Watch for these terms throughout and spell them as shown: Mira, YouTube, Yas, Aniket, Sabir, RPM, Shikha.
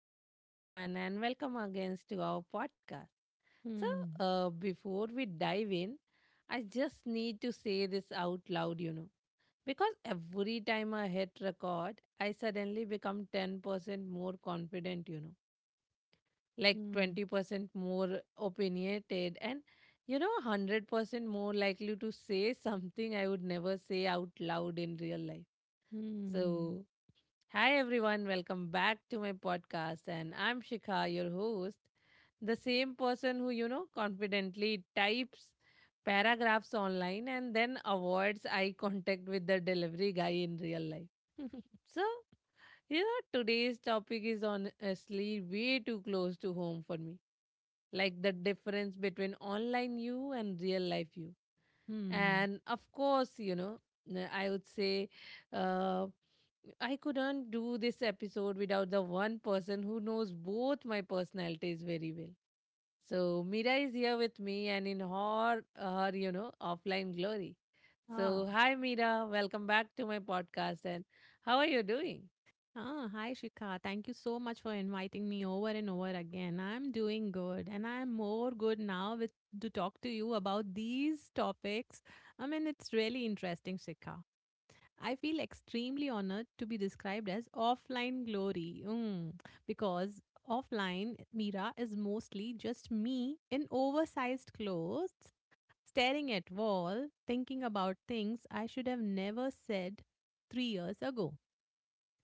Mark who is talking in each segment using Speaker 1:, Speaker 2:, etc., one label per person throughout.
Speaker 1: Hello, everyone, and welcome again to our podcast. So,
Speaker 2: Hmm.
Speaker 1: before we dive in, I just need to say this out loud, because every time I hit record, I suddenly become 10% more confident, like
Speaker 2: Hmm.
Speaker 1: 20% more opinionated, and 100% more likely to say something I would never say out loud in real life.
Speaker 2: Hmm.
Speaker 1: So, hi everyone, welcome back to my podcast and I'm Shikha, your host, the same person who confidently types paragraphs online and then avoids eye contact with the delivery guy in real life. So, today's topic is honestly way too close to home for me. Like the difference between online you and real life you.
Speaker 2: Hmm.
Speaker 1: And of course, I would say uh, I couldn't do this episode without the one person who knows both my personalities very well. So Mira is here with me and in her offline glory. So
Speaker 2: Ah.
Speaker 1: hi Mira, welcome back to my podcast and how are you doing?
Speaker 2: Ah, hi Shikha. Thank you so much for inviting me over and over again. I'm doing good and I'm more good now with to talk to you about these topics. I mean, it's really interesting, Shikha. I feel extremely honored to be described as offline glory. Because offline Mira is mostly just me in oversized clothes staring at wall, thinking about things I should have never said 3 years ago.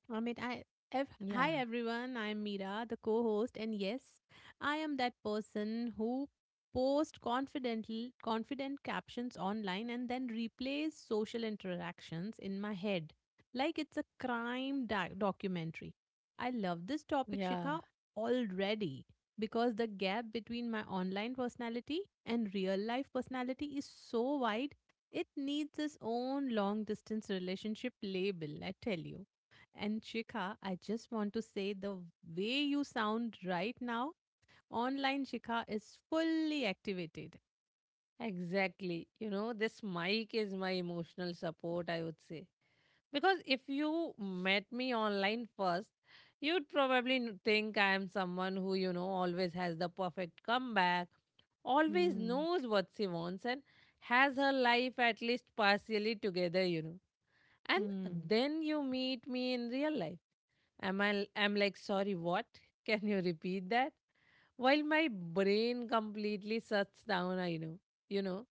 Speaker 2: Amit, I,
Speaker 1: Yeah,
Speaker 2: Hi everyone, I'm Meera, the co host, and yes, I am that person who posts confident captions online and then replays social interactions in my head like it's a crime documentary. I love this topic,
Speaker 1: yeah,
Speaker 2: Shikha, already because the gap between my online personality and real life personality is so wide, it needs its own long distance relationship label, I tell you. And Shikha, I just want to say the way you sound right now, online Shikha is fully activated.
Speaker 1: exactly. This mic is my emotional support, I would say. Because if you met me online first, you'd probably think I am someone who always has the perfect comeback, always
Speaker 2: Hmm.
Speaker 1: knows what she wants, and has her life at least partially together. And
Speaker 2: Hmm.
Speaker 1: then you meet me in real life. Am I? I'm like, sorry, what? Can you repeat that? While my brain completely shuts down, I know,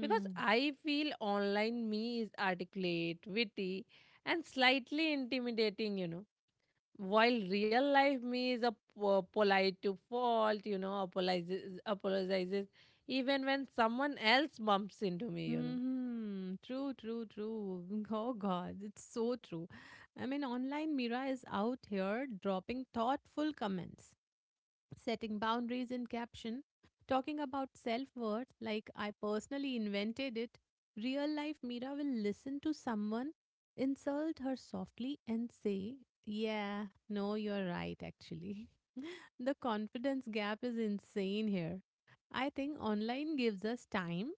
Speaker 1: because I feel online me is articulate, witty, and slightly intimidating, while real life me is a polite to fault, apologizes even when someone else bumps into me.
Speaker 2: Hmm. True, true, true. Oh God, it's so true. I mean, online Mira is out here dropping thoughtful comments, setting boundaries in caption, talking about self worth like I personally invented it, real life Mira will listen to someone, insult her softly, and say, yeah, no, you're right, actually. The confidence gap is insane here. I think online gives us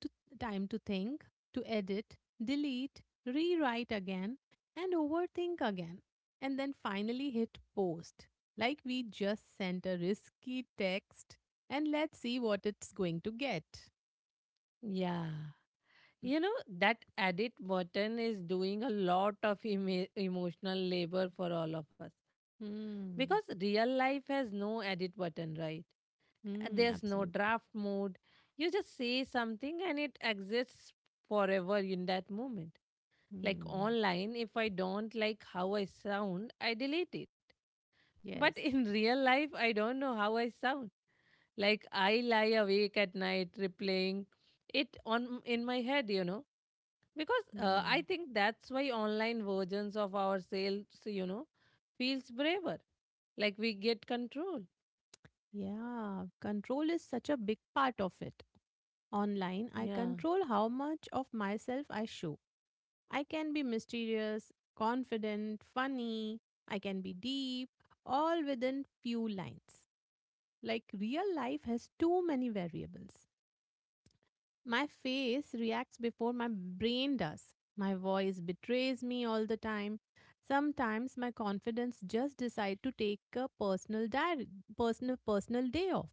Speaker 2: to time to think, to edit, delete, rewrite again, and overthink again, and then finally hit post. Like we just sent a risky text, and let's see what it's going to get.
Speaker 1: Yeah. You know, that edit button is doing a lot of emotional labor for all of us. Because
Speaker 2: Hmm.
Speaker 1: real life has no edit button, right? And
Speaker 2: Hmm.
Speaker 1: there's no
Speaker 2: Absolutely.
Speaker 1: draft mode. You just say something and it exists forever in that moment. Like
Speaker 2: Hmm.
Speaker 1: online, if I don't like how I sound, I delete it.
Speaker 2: Yes.
Speaker 1: But in real life, I don't know how I sound. Like I lie awake at night replaying it on in my head, because I
Speaker 2: Hmm.
Speaker 1: think that's why online versions of ourselves feels braver, like we get control.
Speaker 2: Yeah. Control is such a big part of it. Online, I
Speaker 1: Yeah.
Speaker 2: control how much of myself I show. I can be mysterious, confident, funny, I can be deep, all within few lines. Like real life has too many variables. My face reacts before my brain does. My voice betrays me all the time. Sometimes my confidence just decide to take a personal diary, personal personal day off.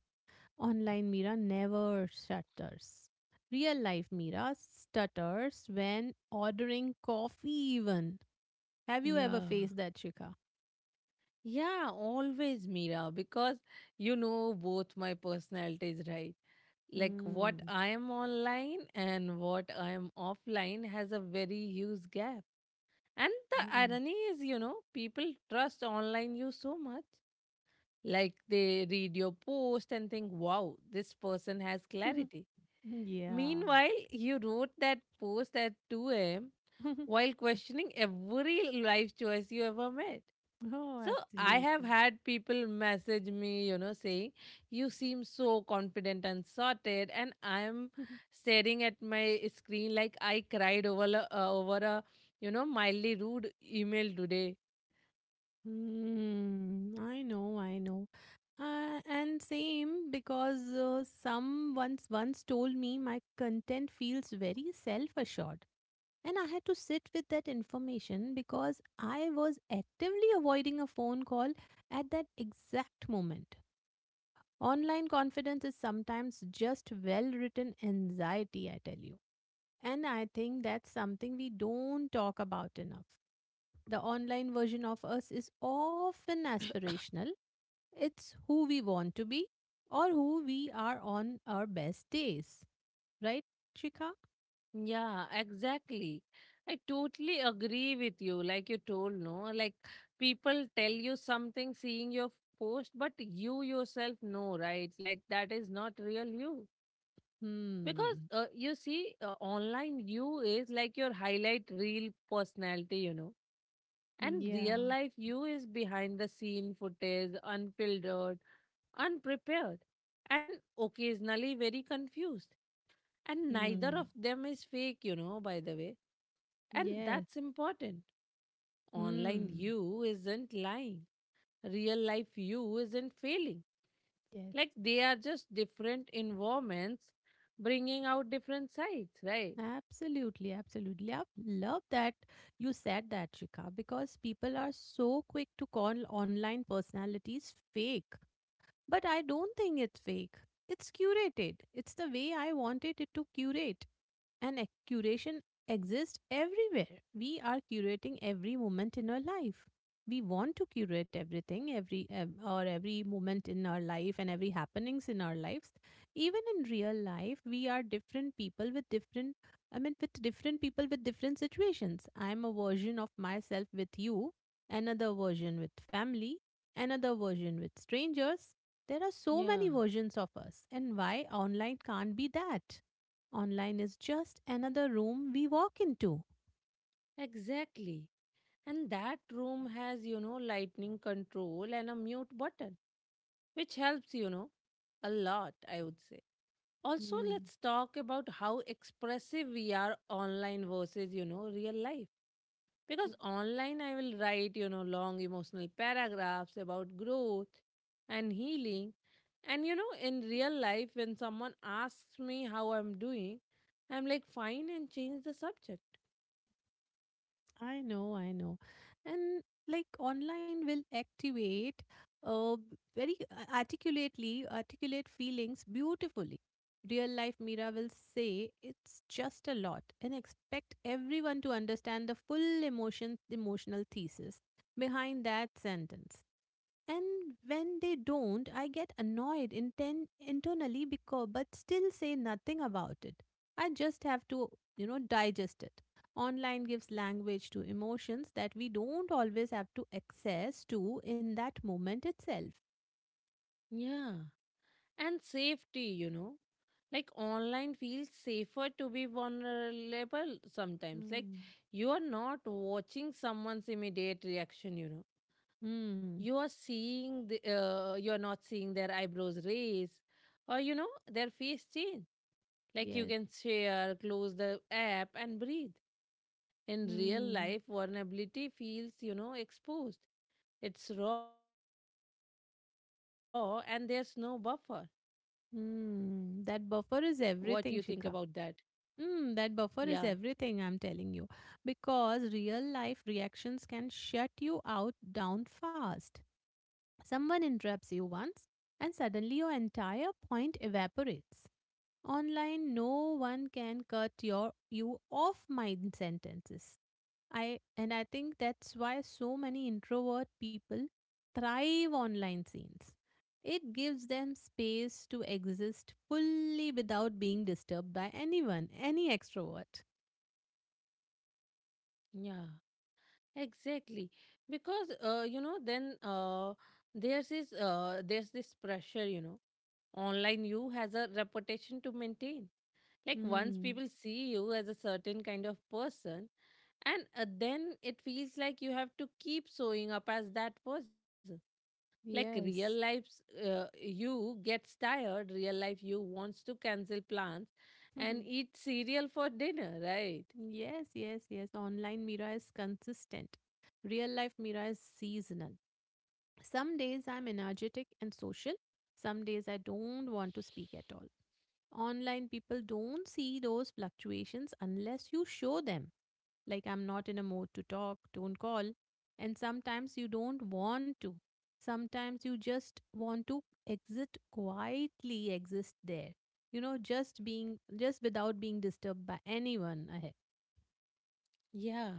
Speaker 2: Online Mira never stutters. Real life Mira stutters when ordering coffee even. Have you ever
Speaker 1: Yeah.
Speaker 2: faced that, Shika?
Speaker 1: Yeah, always, Mira, because both my personalities, right? Like what
Speaker 2: Mm.
Speaker 1: I am online and what I am offline has a very huge gap. And the
Speaker 2: Mm.
Speaker 1: irony is people trust online you so much, like they read your post and think, wow, this person has clarity.
Speaker 2: Yeah.
Speaker 1: Meanwhile, you wrote that post at 2 a.m. while questioning every life choice you ever made.
Speaker 2: Oh,
Speaker 1: So I have
Speaker 2: absolutely.
Speaker 1: had people message me, saying, "You seem so confident and sorted." And I am staring at my screen like I cried over a mildly rude email today.
Speaker 2: Mm, I know, I know. And same because some once told me my content feels very self-assured. And I had to sit with that information because I was actively avoiding a phone call at that exact moment. Online confidence is sometimes just well written anxiety, I tell you. And I think that's something we don't talk about enough. The online version of us is often aspirational, it's who we want to be or who we are on our best days. Right, Chika?
Speaker 1: Yeah, exactly. I totally agree with you. Like you told, no, like people tell you something seeing your post, but you yourself know, right? Like that is not real you. Because
Speaker 2: Hmm.
Speaker 1: you see, online you is like your highlight real personality. And
Speaker 2: Yeah.
Speaker 1: real life you is behind the scene footage, unfiltered, unprepared, and occasionally very confused, and neither of
Speaker 2: Hmm.
Speaker 1: them is fake, by the way. And
Speaker 2: Yes.
Speaker 1: that's important. Online
Speaker 2: Hmm.
Speaker 1: you isn't lying. Real life you isn't failing.
Speaker 2: Yes.
Speaker 1: Like they are just different environments bringing out different sides, right?
Speaker 2: Absolutely, absolutely. I love that you said that, Shikha, because people are so quick to call online personalities fake. But I don't think it's fake. It's curated. It's the way I wanted it to curate and curation exists everywhere. We are curating every moment in our life. We want to curate everything, every or every moment in our life and every happenings in our lives. Even in real life, we are different people with different. I mean, with different people with different situations. I'm a version of myself with you, another version with family, another version with strangers. There are so many
Speaker 1: Yeah.
Speaker 2: versions of us, and why online can't be that? Online is just another room we walk into.
Speaker 1: Exactly. And that room has lightning control and a mute button, which helps, a lot, I would say. Also,
Speaker 2: Mm,
Speaker 1: let's talk about how expressive we are online versus, real life. Because online, I will write, long emotional paragraphs about growth and healing. And, in real life, when someone asks me how I'm doing, I'm like, fine, and change the subject.
Speaker 2: I know, I know. And like online will activate uh, very articulate feelings beautifully. Real life Mira will say it's just a lot and expect everyone to understand the full emotional thesis behind that sentence. And when they don't, I get annoyed internally because but still say nothing about it. I just have to digest it. Online gives language to emotions that we don't always have to access to in that moment itself.
Speaker 1: Yeah. And safety. Like online feels safer to be vulnerable sometimes, like
Speaker 2: Mm.
Speaker 1: you are not watching someone's immediate reaction. You are
Speaker 2: Hmm.
Speaker 1: you are not seeing their eyebrows raise or their face change. Like you
Speaker 2: Yes.
Speaker 1: can share, close the app and breathe. In real
Speaker 2: Hmm.
Speaker 1: life, vulnerability feels exposed. It's raw and there's no buffer. What do you
Speaker 2: Hmm.
Speaker 1: think
Speaker 2: That
Speaker 1: about
Speaker 2: buffer is
Speaker 1: that?
Speaker 2: everything, Shika.
Speaker 1: Yeah.
Speaker 2: Hmm. That buffer is everything, I'm telling you. Because real life reactions can shut you out down fast. Someone interrupts you once, and suddenly your entire point evaporates. Online, no one can cut your you off my sentences. I think that's why so many introvert people thrive online scenes. It gives them space to exist fully without being disturbed by anyone, any extrovert.
Speaker 1: Yeah. Exactly, because then there's this pressure. Online you has a reputation to maintain. Like once people
Speaker 2: Hmm.
Speaker 1: see you as a certain kind of person, and then it feels like you have to keep showing up as that person. Like real
Speaker 2: Yes.
Speaker 1: life's you gets tired. Real life you wants to cancel plans and eat cereal for dinner, right?
Speaker 2: Yes, yes, yes. Online Mira is consistent. Real life Mira is seasonal. Some days I'm energetic and social. Some days I don't want to speak at all. Online people don't see those fluctuations unless you show them. Like I'm not in a mood to talk, don't call. And sometimes you don't want to. Sometimes you just want to exit quietly, exist there. You know, just being, just without being disturbed by anyone ahead.
Speaker 1: Yeah.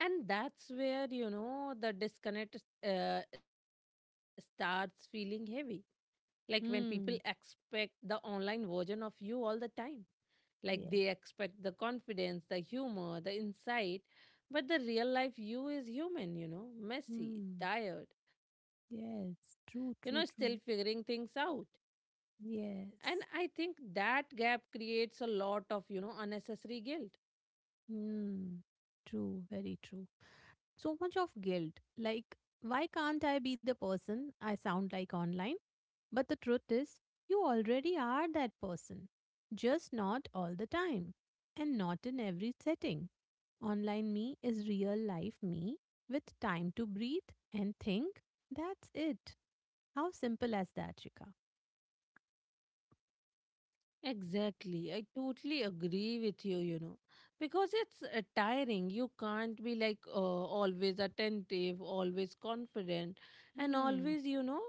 Speaker 1: And that's where the disconnect starts feeling heavy. Like when people expect
Speaker 2: Hmm.
Speaker 1: the online version of you all the time. Like they
Speaker 2: Yes.
Speaker 1: expect the confidence, the humor, the insight. But the real life you is human, messy,
Speaker 2: Hmm.
Speaker 1: tired, still
Speaker 2: Yes.
Speaker 1: figuring
Speaker 2: True,
Speaker 1: things
Speaker 2: true,
Speaker 1: out.
Speaker 2: true.
Speaker 1: And I think that
Speaker 2: Yes.
Speaker 1: gap creates a lot of unnecessary guilt.
Speaker 2: Hmm. True. Very true. So much of guilt. Like, why can't I be the person I sound like online? But the truth is, you already are that person. Just not all the time. And not in every setting. Online me is real life me with time to breathe and think. That's it. How simple as that, Shika?
Speaker 1: Exactly. I totally agree with you, because it's tiring. You can't be like always attentive, always confident, and
Speaker 2: Hmm.
Speaker 1: always, you know,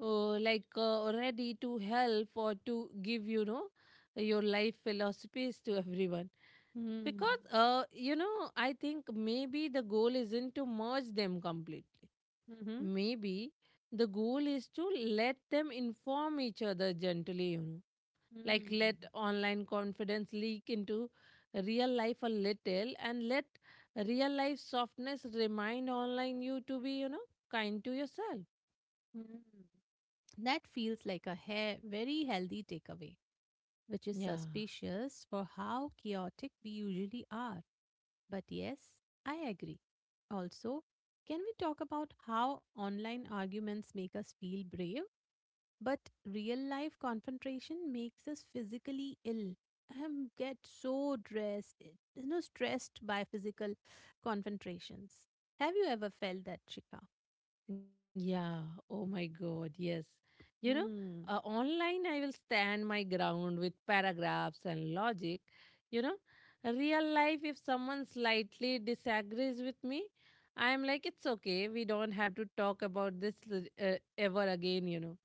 Speaker 1: uh, like uh, ready to help or to give your life philosophies to everyone.
Speaker 2: Hmm.
Speaker 1: Because, I think maybe the goal isn't to merge them completely.
Speaker 2: Mm-hmm.
Speaker 1: Maybe the goal is to let them inform each other gently, like let
Speaker 2: Mm.
Speaker 1: online confidence leak into real life a little, and let real life softness remind online you to be kind to yourself.
Speaker 2: Mm. That feels like a hair very healthy takeaway, which is
Speaker 1: Yeah.
Speaker 2: suspicious for how chaotic we usually are. But yes, I agree. Also, can we talk about how online arguments make us feel brave, but real life confrontation makes us physically ill? I get so stressed by physical confrontations. Have you ever felt that, Chika?
Speaker 1: Yeah. Oh my god, yes. you know
Speaker 2: Hmm.
Speaker 1: Online I will stand my ground with paragraphs and logic. you know Real life, if someone slightly disagrees with me, I am like, it's okay, we don't have to talk about this ever again.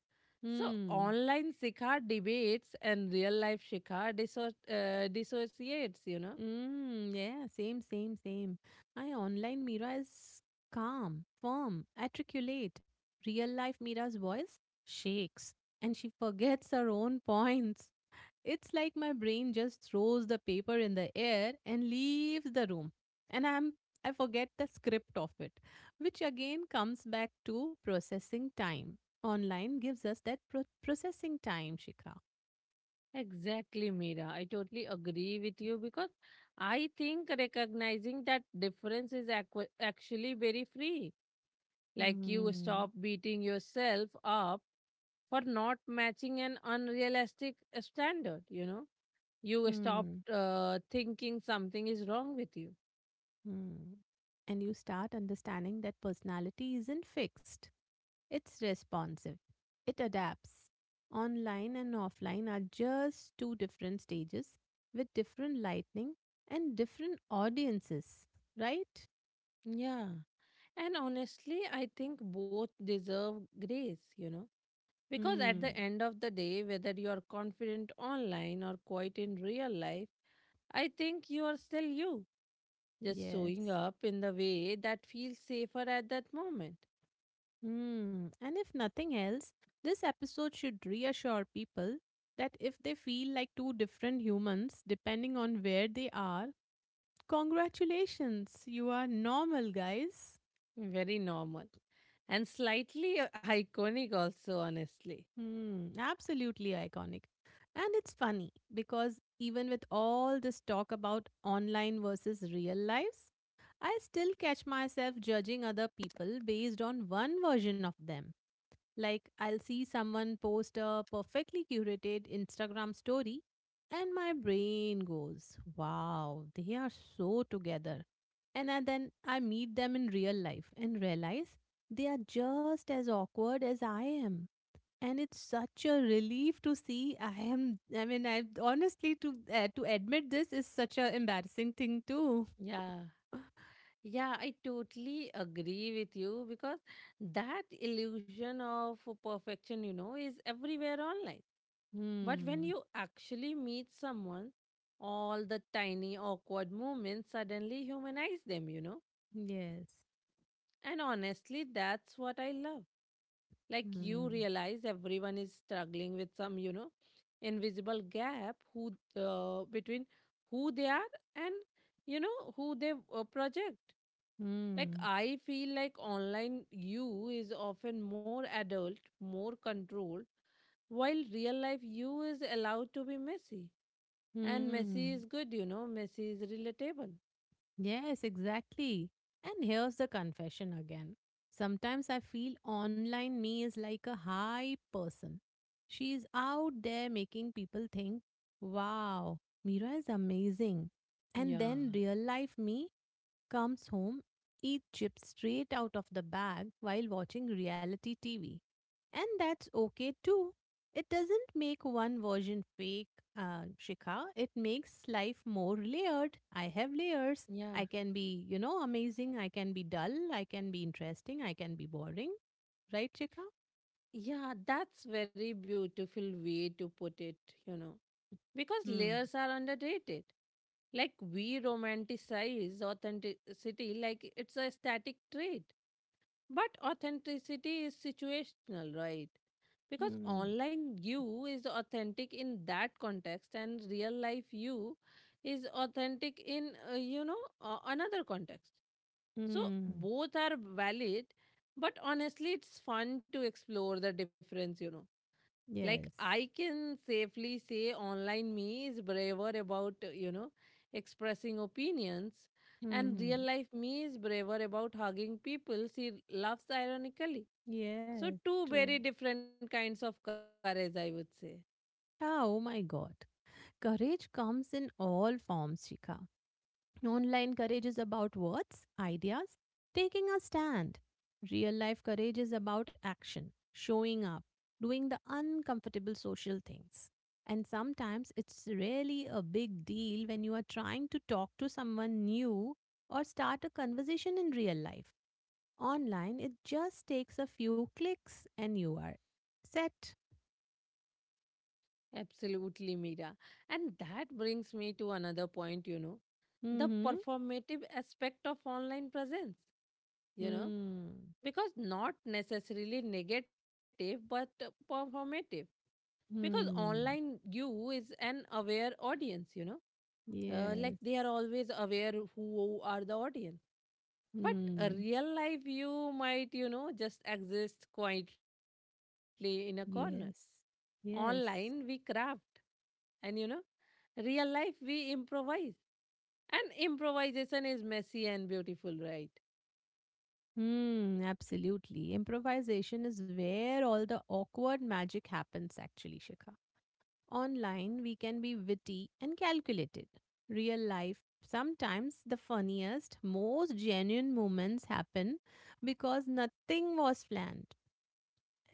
Speaker 1: So
Speaker 2: Hmm.
Speaker 1: online Sikhar debates and real life Sikhar dissociates.
Speaker 2: Mm, yeah, same, same, same. My online Mira is calm, firm, articulate. Real life Mira's voice shakes and she forgets her own points. It's like my brain just throws the paper in the air and leaves the room. And I forget the script of it, which again comes back to processing time. Online gives us that processing time, Shikha.
Speaker 1: Exactly, Meera. I totally agree with you because I think recognizing that difference is actually very free. Like you stop beating yourself up for not matching an unrealistic standard, you know. You stop
Speaker 2: Hmm.
Speaker 1: thinking something is wrong with you.
Speaker 2: Hmm. And you start understanding that personality isn't fixed, it's responsive, it adapts. Online and offline are just two different stages with different lightning and different audiences, right?
Speaker 1: Yeah. And honestly, I think both deserve grace, because at the
Speaker 2: Hmm.
Speaker 1: end of the day, whether you are confident online or quiet in real life, I think you are still you, just
Speaker 2: Yes.
Speaker 1: showing up in the way that feels safer at that moment.
Speaker 2: Hmm. And if nothing else, this episode should reassure people that if they feel like two different humans, depending on where they are, congratulations, you are normal, guys.
Speaker 1: Very normal and slightly iconic, also, honestly.
Speaker 2: Hmm, absolutely iconic. And it's funny because even with all this talk about online versus real lives, I still catch myself judging other people based on one version of them. Like, I'll see someone post a perfectly curated Instagram story, and my brain goes, wow, they are so together. And then I meet them in real life and realize they are just as awkward as I am and it's such a relief to see. I am, I mean, I honestly, to admit this is such a embarrassing thing too.
Speaker 1: Yeah. Yeah, I totally agree with you because that illusion of perfection is everywhere online. But when
Speaker 2: Hmm.
Speaker 1: you actually meet someone, all the tiny awkward moments suddenly humanize them, you know?
Speaker 2: Yes.
Speaker 1: And honestly, that's what I love. Like you
Speaker 2: Hmm.
Speaker 1: realize everyone is struggling with some invisible gap, who between who they are and who they project. Like
Speaker 2: Hmm.
Speaker 1: I feel like online you is often more adult, more controlled, while real life you is allowed to be messy. And Messi is
Speaker 2: Hmm.
Speaker 1: good, Messi is relatable.
Speaker 2: Yes, exactly. And here's the confession again. Sometimes I feel online me is like a high person. She is out there making people think, wow, Mira is amazing. And
Speaker 1: Yeah.
Speaker 2: then real life me comes home, eats chips straight out of the bag while watching reality TV. And that's okay too. It doesn't make one version fake, Shikha. It makes life more layered. I have layers.
Speaker 1: Yeah.
Speaker 2: I can be, you know, amazing. I can be dull. I can be interesting. I can be boring. Right, Shikha?
Speaker 1: Yeah, that's very beautiful way to put it, you know. Because
Speaker 2: Hmm.
Speaker 1: layers are underrated. Like we romanticize authenticity like it's a static trait. But authenticity is situational, right? Because
Speaker 2: Hmm.
Speaker 1: online you is authentic in that context and real life you is authentic in another context. So
Speaker 2: Hmm.
Speaker 1: both are valid, but honestly it's fun to explore the difference. Like I
Speaker 2: Yes.
Speaker 1: can safely say online me is braver about expressing opinions, and real
Speaker 2: Hmm.
Speaker 1: life me is braver about hugging people she laughs ironically. So,
Speaker 2: Yes.
Speaker 1: two
Speaker 2: True.
Speaker 1: very different kinds of courage, I would say.
Speaker 2: Ah, oh my God. Courage comes in all forms, Shika. Online courage is about words, ideas, taking a stand. Real life courage is about action, showing up, doing the uncomfortable social things. And sometimes it's really a big deal when you are trying to talk to someone new or start a conversation in real life. Online, it just takes a few clicks and you are set.
Speaker 1: Absolutely, Mira. And that brings me to another point, the
Speaker 2: Mm-hmm.
Speaker 1: performative aspect of online presence, you know,
Speaker 2: Hmm.
Speaker 1: because not necessarily negative, but performative. Because online
Speaker 2: Hmm.
Speaker 1: you is an aware audience, like they are
Speaker 2: Yes.
Speaker 1: always aware who are the audience. But a
Speaker 2: Hmm.
Speaker 1: real life you might just exist quietly in a corner.
Speaker 2: Yes. Yes.
Speaker 1: Online we craft, and real life we improvise. And improvisation is messy and beautiful, right?
Speaker 2: Hmm. Absolutely. Improvisation is where all the awkward magic happens, actually, Shikha. Online, we can be witty and calculated. Real life, sometimes the funniest, most genuine moments happen because nothing was planned.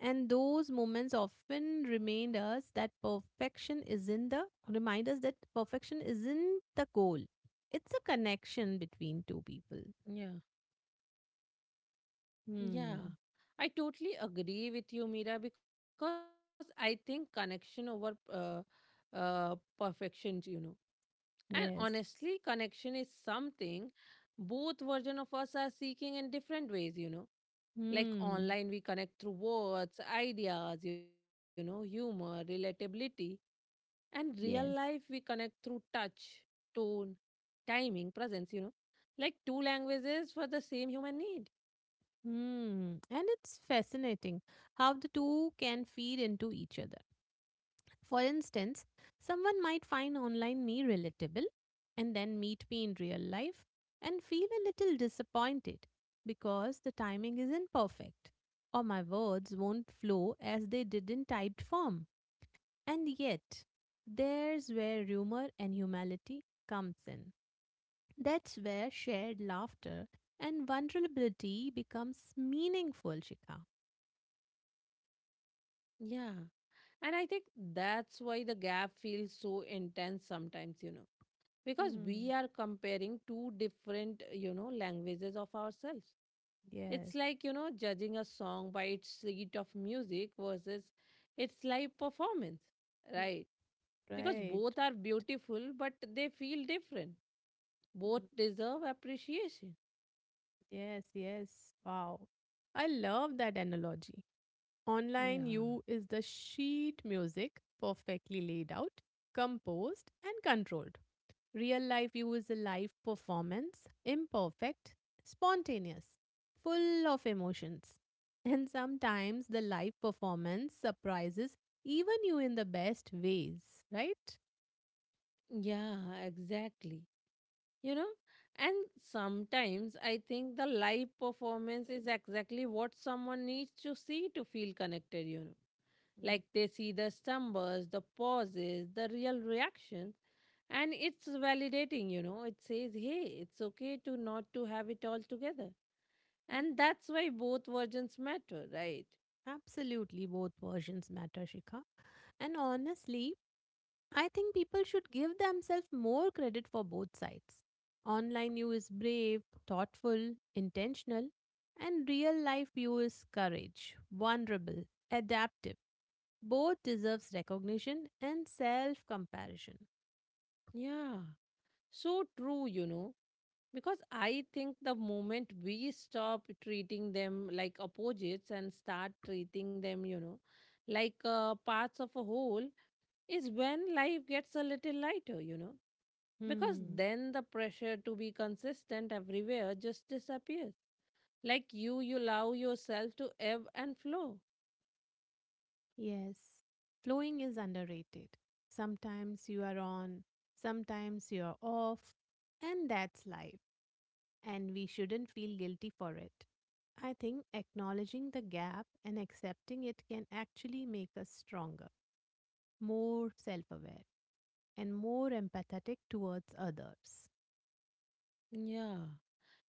Speaker 2: And those moments often remind us that perfection isn't the goal. It's a connection between two people.
Speaker 1: Yeah. Yeah,
Speaker 2: Hmm.
Speaker 1: I totally agree with you, Mira, because I think connection over uh, perfection. And honestly,
Speaker 2: Yes.
Speaker 1: connection is something both version of us are seeking in different ways. Like
Speaker 2: Hmm.
Speaker 1: online, we connect through words, ideas, humor, relatability. And real life,
Speaker 2: Yes.
Speaker 1: we connect through touch, tone, timing, presence, like two languages for the same human need.
Speaker 2: Hmm. And it's fascinating how the two can feed into each other. For instance, someone might find online me relatable and then meet me in real life and feel a little disappointed because the timing isn't perfect or my words won't flow as they did in typed form. And yet, there's where humor and humility comes in. That's where shared laughter and vulnerability becomes meaningful, Shika.
Speaker 1: Yeah. And I think that's why the gap feels so intense sometimes, because we are
Speaker 2: Mm,
Speaker 1: comparing two different, languages of ourselves. It's
Speaker 2: yes,
Speaker 1: like judging a song by its sheet of music versus its live performance,
Speaker 2: mm,
Speaker 1: right? Because
Speaker 2: right.
Speaker 1: both are beautiful, but they feel different. Both deserve appreciation.
Speaker 2: Yes, yes. Wow. I love that analogy.
Speaker 1: Yeah.
Speaker 2: Online you is the sheet music, perfectly laid out, composed, and controlled. Real life you is a live performance, imperfect, spontaneous, full of emotions. And sometimes the live performance surprises even you in the best ways, right?
Speaker 1: Yeah, exactly. You know, and sometimes I think the live performance is exactly what someone needs to see to feel connected, you know. Like they see the stumbles, the pauses, the real reaction and it's validating, you know. It says hey, it's okay to not to have it all together, and that's why both versions matter, right?
Speaker 2: Absolutely, both versions matter, Shikha. And honestly, I think people should give themselves more credit for both sides. Online you is brave, thoughtful, intentional, and real life you is courage, vulnerable, adaptive. Both deserves recognition and self comparison.
Speaker 1: Yeah, so true, you know. Because I think the moment we stop treating them like opposites and start treating them, you know, like parts of a whole is when life gets a little lighter, you know, because
Speaker 2: Hmm.
Speaker 1: then the pressure to be consistent everywhere just disappears. Like you allow yourself to ebb and flow.
Speaker 2: Yes. Flowing is underrated. Sometimes you are on, sometimes you are off, and that's life. And we shouldn't feel guilty for it. I think acknowledging the gap and accepting it can actually make us stronger, more self aware, and more empathetic towards others.
Speaker 1: Yeah.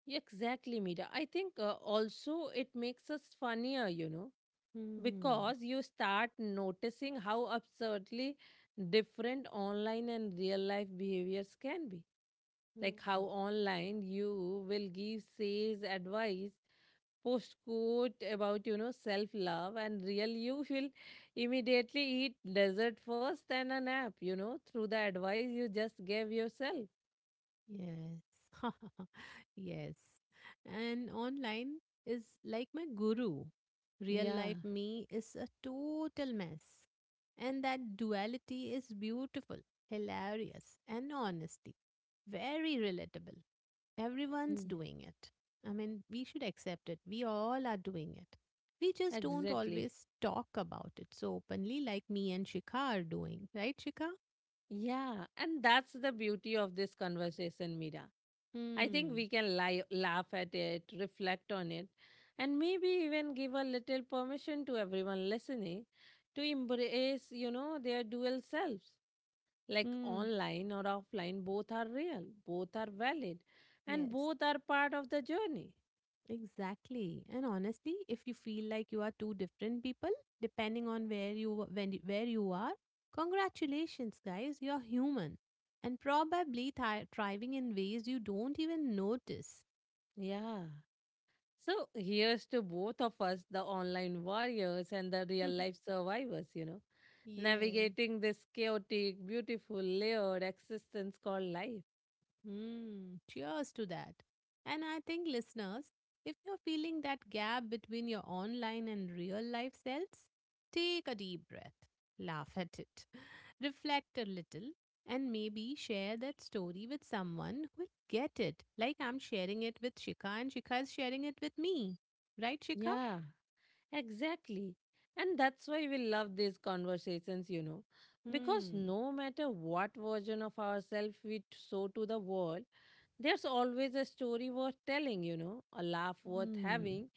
Speaker 1: Yeah, exactly, Mira. I think also it makes us funnier, you know,
Speaker 2: Hmm.
Speaker 1: because you start noticing how absurdly different online and real life behaviors can be. Like how
Speaker 2: Hmm.
Speaker 1: online you will give sales advice, post quote about, you know, self love, and real you will immediately eat dessert first and a nap, you know, through the advice you just gave yourself.
Speaker 2: Yes. yes. And online is like my guru. Real
Speaker 1: Yeah,
Speaker 2: life me is a total mess. And that duality is beautiful, hilarious, and honestly, very relatable. Everyone's
Speaker 1: mm,
Speaker 2: doing it. I mean, we should accept it. We all are doing it. We just don't
Speaker 1: exactly.
Speaker 2: always talk about it so openly like me and Shikha are doing. Right, Shikha?
Speaker 1: Yeah, and that's the beauty of this conversation, Mira. I think
Speaker 2: Hmm.
Speaker 1: we can lie, laugh at it, reflect on it, and maybe even give a little permission to everyone listening to embrace, you know, their dual selves. Like
Speaker 2: Hmm.
Speaker 1: online or offline, both are real, both are valid, and
Speaker 2: Yes.
Speaker 1: both are part of the journey.
Speaker 2: Exactly. And honestly, if you feel like you are two different people, depending on where you where you are, congratulations, guys, you're human and probably thriving in ways you don't even notice.
Speaker 1: Yeah. So here's to both of us, the online warriors and the real life survivors, you know,
Speaker 2: yes.
Speaker 1: navigating this chaotic, beautiful, layered existence called life.
Speaker 2: Mm, cheers to that. And I think, listeners, if you're feeling that gap between your online and real life selves, take a deep breath, laugh at it, reflect a little, and maybe share that story with someone who'll get it, like I'm sharing it with Shika and Shika is sharing it with me. Right, Shika?
Speaker 1: Yeah. Exactly. And that's why we love these conversations, you know, because
Speaker 2: Hmm.
Speaker 1: no matter what version of ourselves show to the world, there's always a story worth telling, you know, a laugh worth
Speaker 2: Hmm.
Speaker 1: having,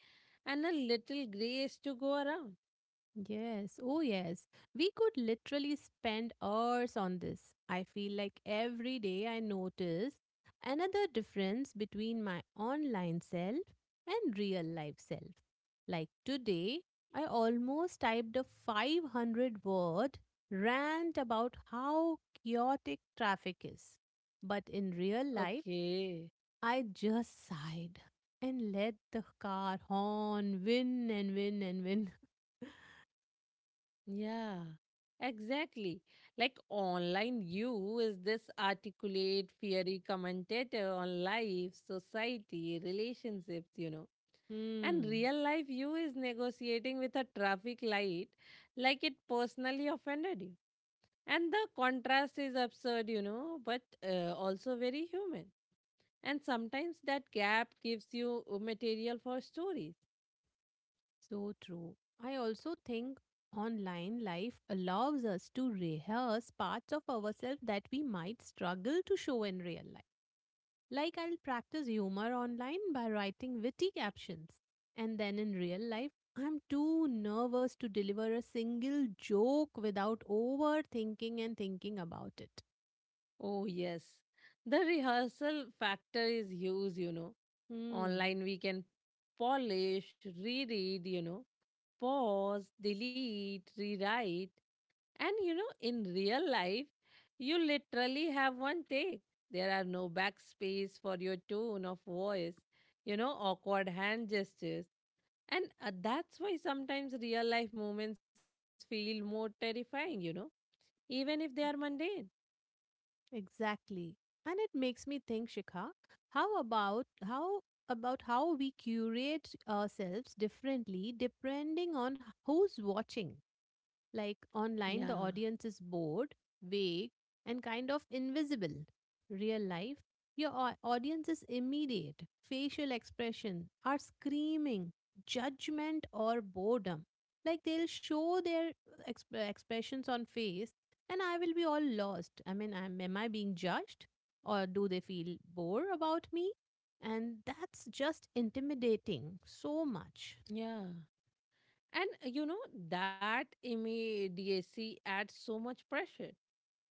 Speaker 1: and a little grace to go around.
Speaker 2: Yes, oh yes. We could literally spend hours on this. I feel like every day I notice another difference between my online self and real life self. Like today, I almost typed a 500 word rant about how chaotic traffic is. But in real life,
Speaker 1: Okay.
Speaker 2: I just sighed and let the car horn win and win and win.
Speaker 1: Yeah, exactly. Like online you is this articulate, fiery commentator on life, society, relationships, you know. And
Speaker 2: Hmm.
Speaker 1: real life you is negotiating with a traffic light like it personally offended you. And the contrast is absurd, you know, but also very human. And sometimes that gap gives you material for stories.
Speaker 2: So true. I also think online life allows us to rehearse parts of ourselves that we might struggle to show in real life. Like I'll practice humor online by writing witty captions. And then in real life, I'm too nervous to deliver a single joke without overthinking and thinking about it.
Speaker 1: Oh, yes. The rehearsal factor is huge, you know.
Speaker 2: Hmm.
Speaker 1: Online, we can polish, reread, you know, pause, delete, rewrite. And, you know, in real life, you literally have one take. There are no backspace for your tone of voice, you know, awkward hand gestures. And that's why sometimes real life moments feel more terrifying, you know, even if they are mundane.
Speaker 2: Exactly. And it makes me think, Shikha, how about how we curate ourselves differently depending on who's watching? Like
Speaker 1: Yeah,
Speaker 2: online, the audience is bored, vague, and kind of invisible. Real life, your audience is immediate. Facial expression are screaming, judgment or boredom. Like they'll show their expressions on face, and I will be all lost. I mean, am I being judged? Or do they feel bored about me? And that's just intimidating so much.
Speaker 1: yeah. And you know, that immediacy adds so much pressure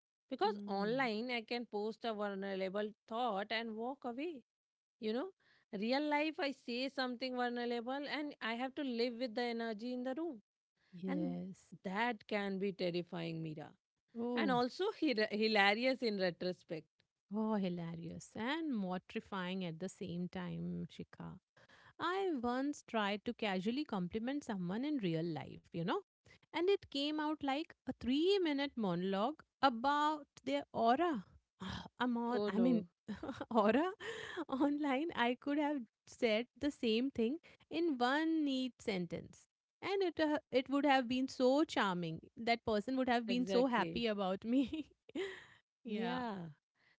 Speaker 1: because
Speaker 2: Hmm.
Speaker 1: online I can post a vulnerable thought and walk away. You know, real life I say something vulnerable and I have to live with the energy in the room. And
Speaker 2: Yes.
Speaker 1: that can be terrifying, Mira. And also
Speaker 2: Oh.
Speaker 1: hilarious in retrospect.
Speaker 2: Oh, hilarious and mortifying at the same time, Shika. I once tried to casually compliment someone in real life, you know, and it came out like a 3 minute monologue about their aura.
Speaker 1: Oh
Speaker 2: I'm
Speaker 1: no,
Speaker 2: on, I mean, aura online. I could have said the same thing in one neat sentence. And it would have been so charming. That person would have been so
Speaker 1: exactly.
Speaker 2: happy about me. yeah.
Speaker 1: Yeah.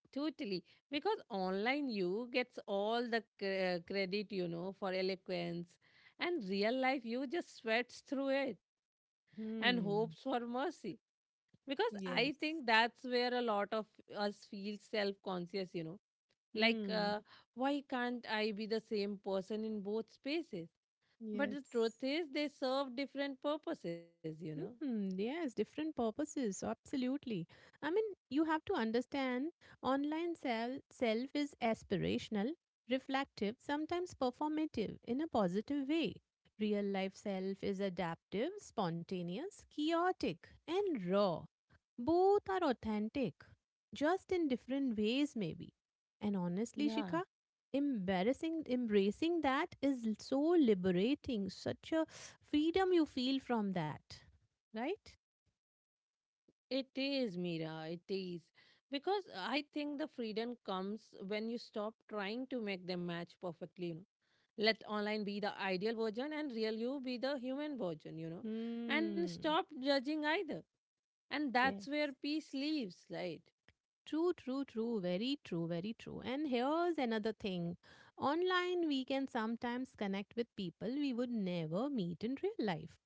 Speaker 1: Totally. Because online you gets all the credit, you know, for eloquence. And real life you just sweats through it and hopes for
Speaker 2: Hmm.
Speaker 1: mercy. Because I
Speaker 2: Yes.
Speaker 1: think that's where a lot of us feel self conscious, you know. Like,
Speaker 2: Mm.
Speaker 1: why can't I be the same person in both spaces? But
Speaker 2: Yes.
Speaker 1: the truth is, they serve different purposes, you know.
Speaker 2: Mm, yes, different purposes. Absolutely. I mean, you have to understand online self self is aspirational, reflective, sometimes performative in a positive way. Real life self is adaptive, spontaneous, chaotic, and raw. Both are authentic, just in different ways, maybe. And honestly,
Speaker 1: Yeah.
Speaker 2: Shika, embarrassing embracing that is so liberating. Such a freedom you feel from that, right?
Speaker 1: It is, Mira. It is. Because I think the freedom comes when you stop trying to make them match perfectly, you know. Let online be the ideal version and real you be the human version, you know. And
Speaker 2: Hmm.
Speaker 1: stop judging either. And
Speaker 2: Yeah.
Speaker 1: that's where peace lives, right?
Speaker 2: True, true, true. Very true, very true. And here's another thing. Online, we can sometimes connect with people we would never meet in real life.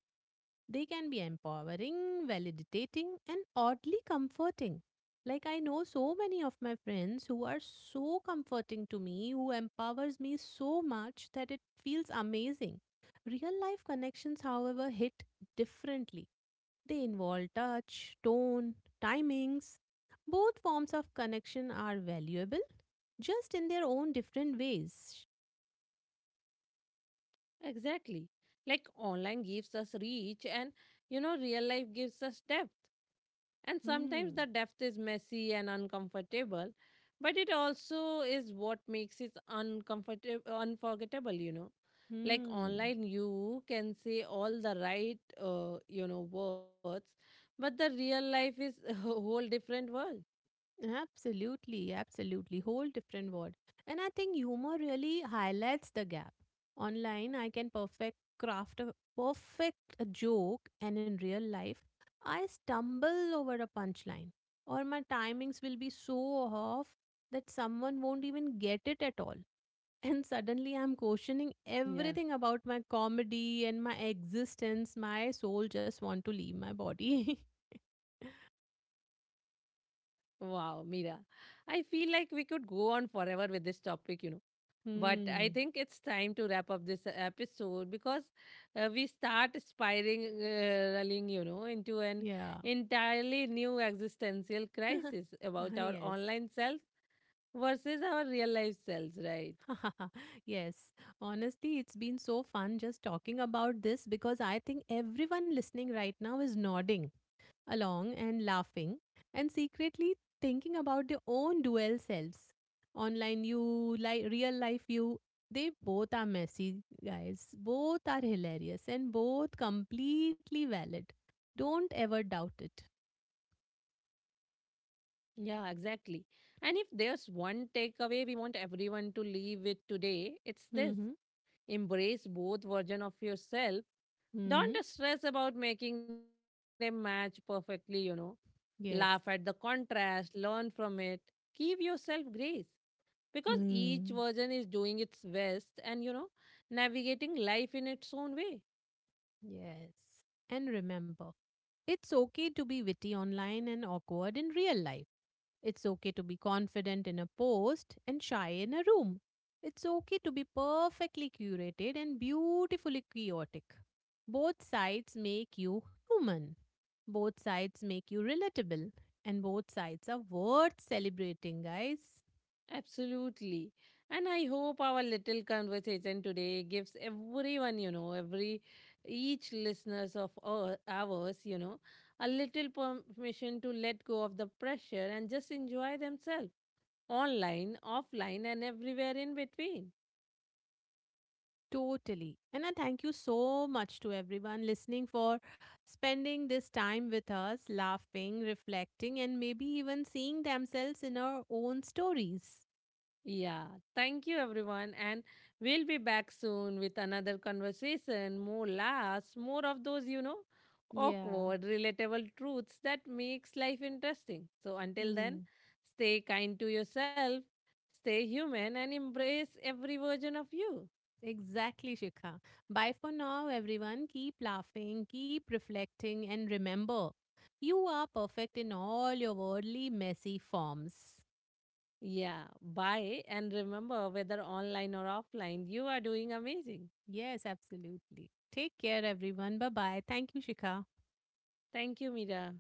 Speaker 2: They can be empowering, validating, and oddly comforting. Like, I know so many of my friends who are so comforting to me, who empowers me so much that it feels amazing. Real life connections, however, hit differently. They involve touch, tone, timings. Both forms of connection are valuable, just in their own different ways.
Speaker 1: Exactly. Like online gives us reach and, you know, real life gives us depth. And sometimes the
Speaker 2: Hmm.
Speaker 1: depth is messy and uncomfortable, but it also is what makes it uncomfortable, unforgettable, you know. Like
Speaker 2: Hmm.
Speaker 1: online, you can say all the right, you know, words, but the real life is a whole different world.
Speaker 2: Absolutely, absolutely. Whole different word. And I think humor really highlights the gap. Online, I can perfect craft a perfect joke, and in real life, I stumble over a punchline, or my timings will be so off that someone won't even get it at all. And suddenly, I'm
Speaker 1: Yeah.
Speaker 2: questioning everything about my comedy and my existence. My soul just want to leave my body.
Speaker 1: Wow, Mira. I feel like we could go on forever with this topic, you know. But I think it's
Speaker 2: hmm.
Speaker 1: time to wrap up this episode because we start spiraling, you know, into an
Speaker 2: Yeah.
Speaker 1: entirely new existential crisis about our
Speaker 2: yes.
Speaker 1: online selves versus our real life selves, right?
Speaker 2: yes, honestly, it's been so fun just talking about this because I think everyone listening right now is nodding along and laughing and secretly thinking about their own dual selves. Online you, like real life you, they both are messy, guys. Both are hilarious and both completely valid. Don't ever doubt it.
Speaker 1: Yeah, exactly. And if there's one takeaway we want everyone to leave with today, it's this
Speaker 2: Mm-hmm.
Speaker 1: embrace both version of yourself. Don't
Speaker 2: Mm-hmm.
Speaker 1: stress about making them match perfectly, you know. Laugh at the
Speaker 2: Yes.
Speaker 1: contrast, learn from it, give yourself grace because each version is
Speaker 2: Mm.
Speaker 1: doing its best and, you know, navigating life in its own way.
Speaker 2: Yes. And remember, it's okay to be witty online and awkward in real life. It's okay to be confident in a post and shy in a room. It's okay to be perfectly curated and beautifully chaotic. Both sides make you human. Both sides make you relatable. And both sides are worth celebrating, guys.
Speaker 1: Absolutely. And I hope our little conversation today gives everyone, you know, every each listeners of ours, you know, a little permission to let go of the pressure and just enjoy themselves online, offline, and everywhere in between.
Speaker 2: Totally. And I thank you so much to everyone listening for spending this time with us, laughing, reflecting, and maybe even seeing themselves in our own stories.
Speaker 1: Yeah, thank you everyone. And we'll be back soon with another conversation, more laughs, more of those, you know,
Speaker 2: Yeah.
Speaker 1: awkward, relatable truths that makes life interesting. So until then,
Speaker 2: Hmm.
Speaker 1: stay kind to yourself, stay human and embrace every version of you.
Speaker 2: Exactly, Shikha. Bye for now, everyone. Keep laughing, keep reflecting, and remember, you are perfect in all your worldly, messy forms.
Speaker 1: Yeah, bye and remember whether online or offline, you are doing amazing.
Speaker 2: Yes, absolutely. Take care, everyone. Bye bye. Thank you, Shikha.
Speaker 1: Thank you, Mira.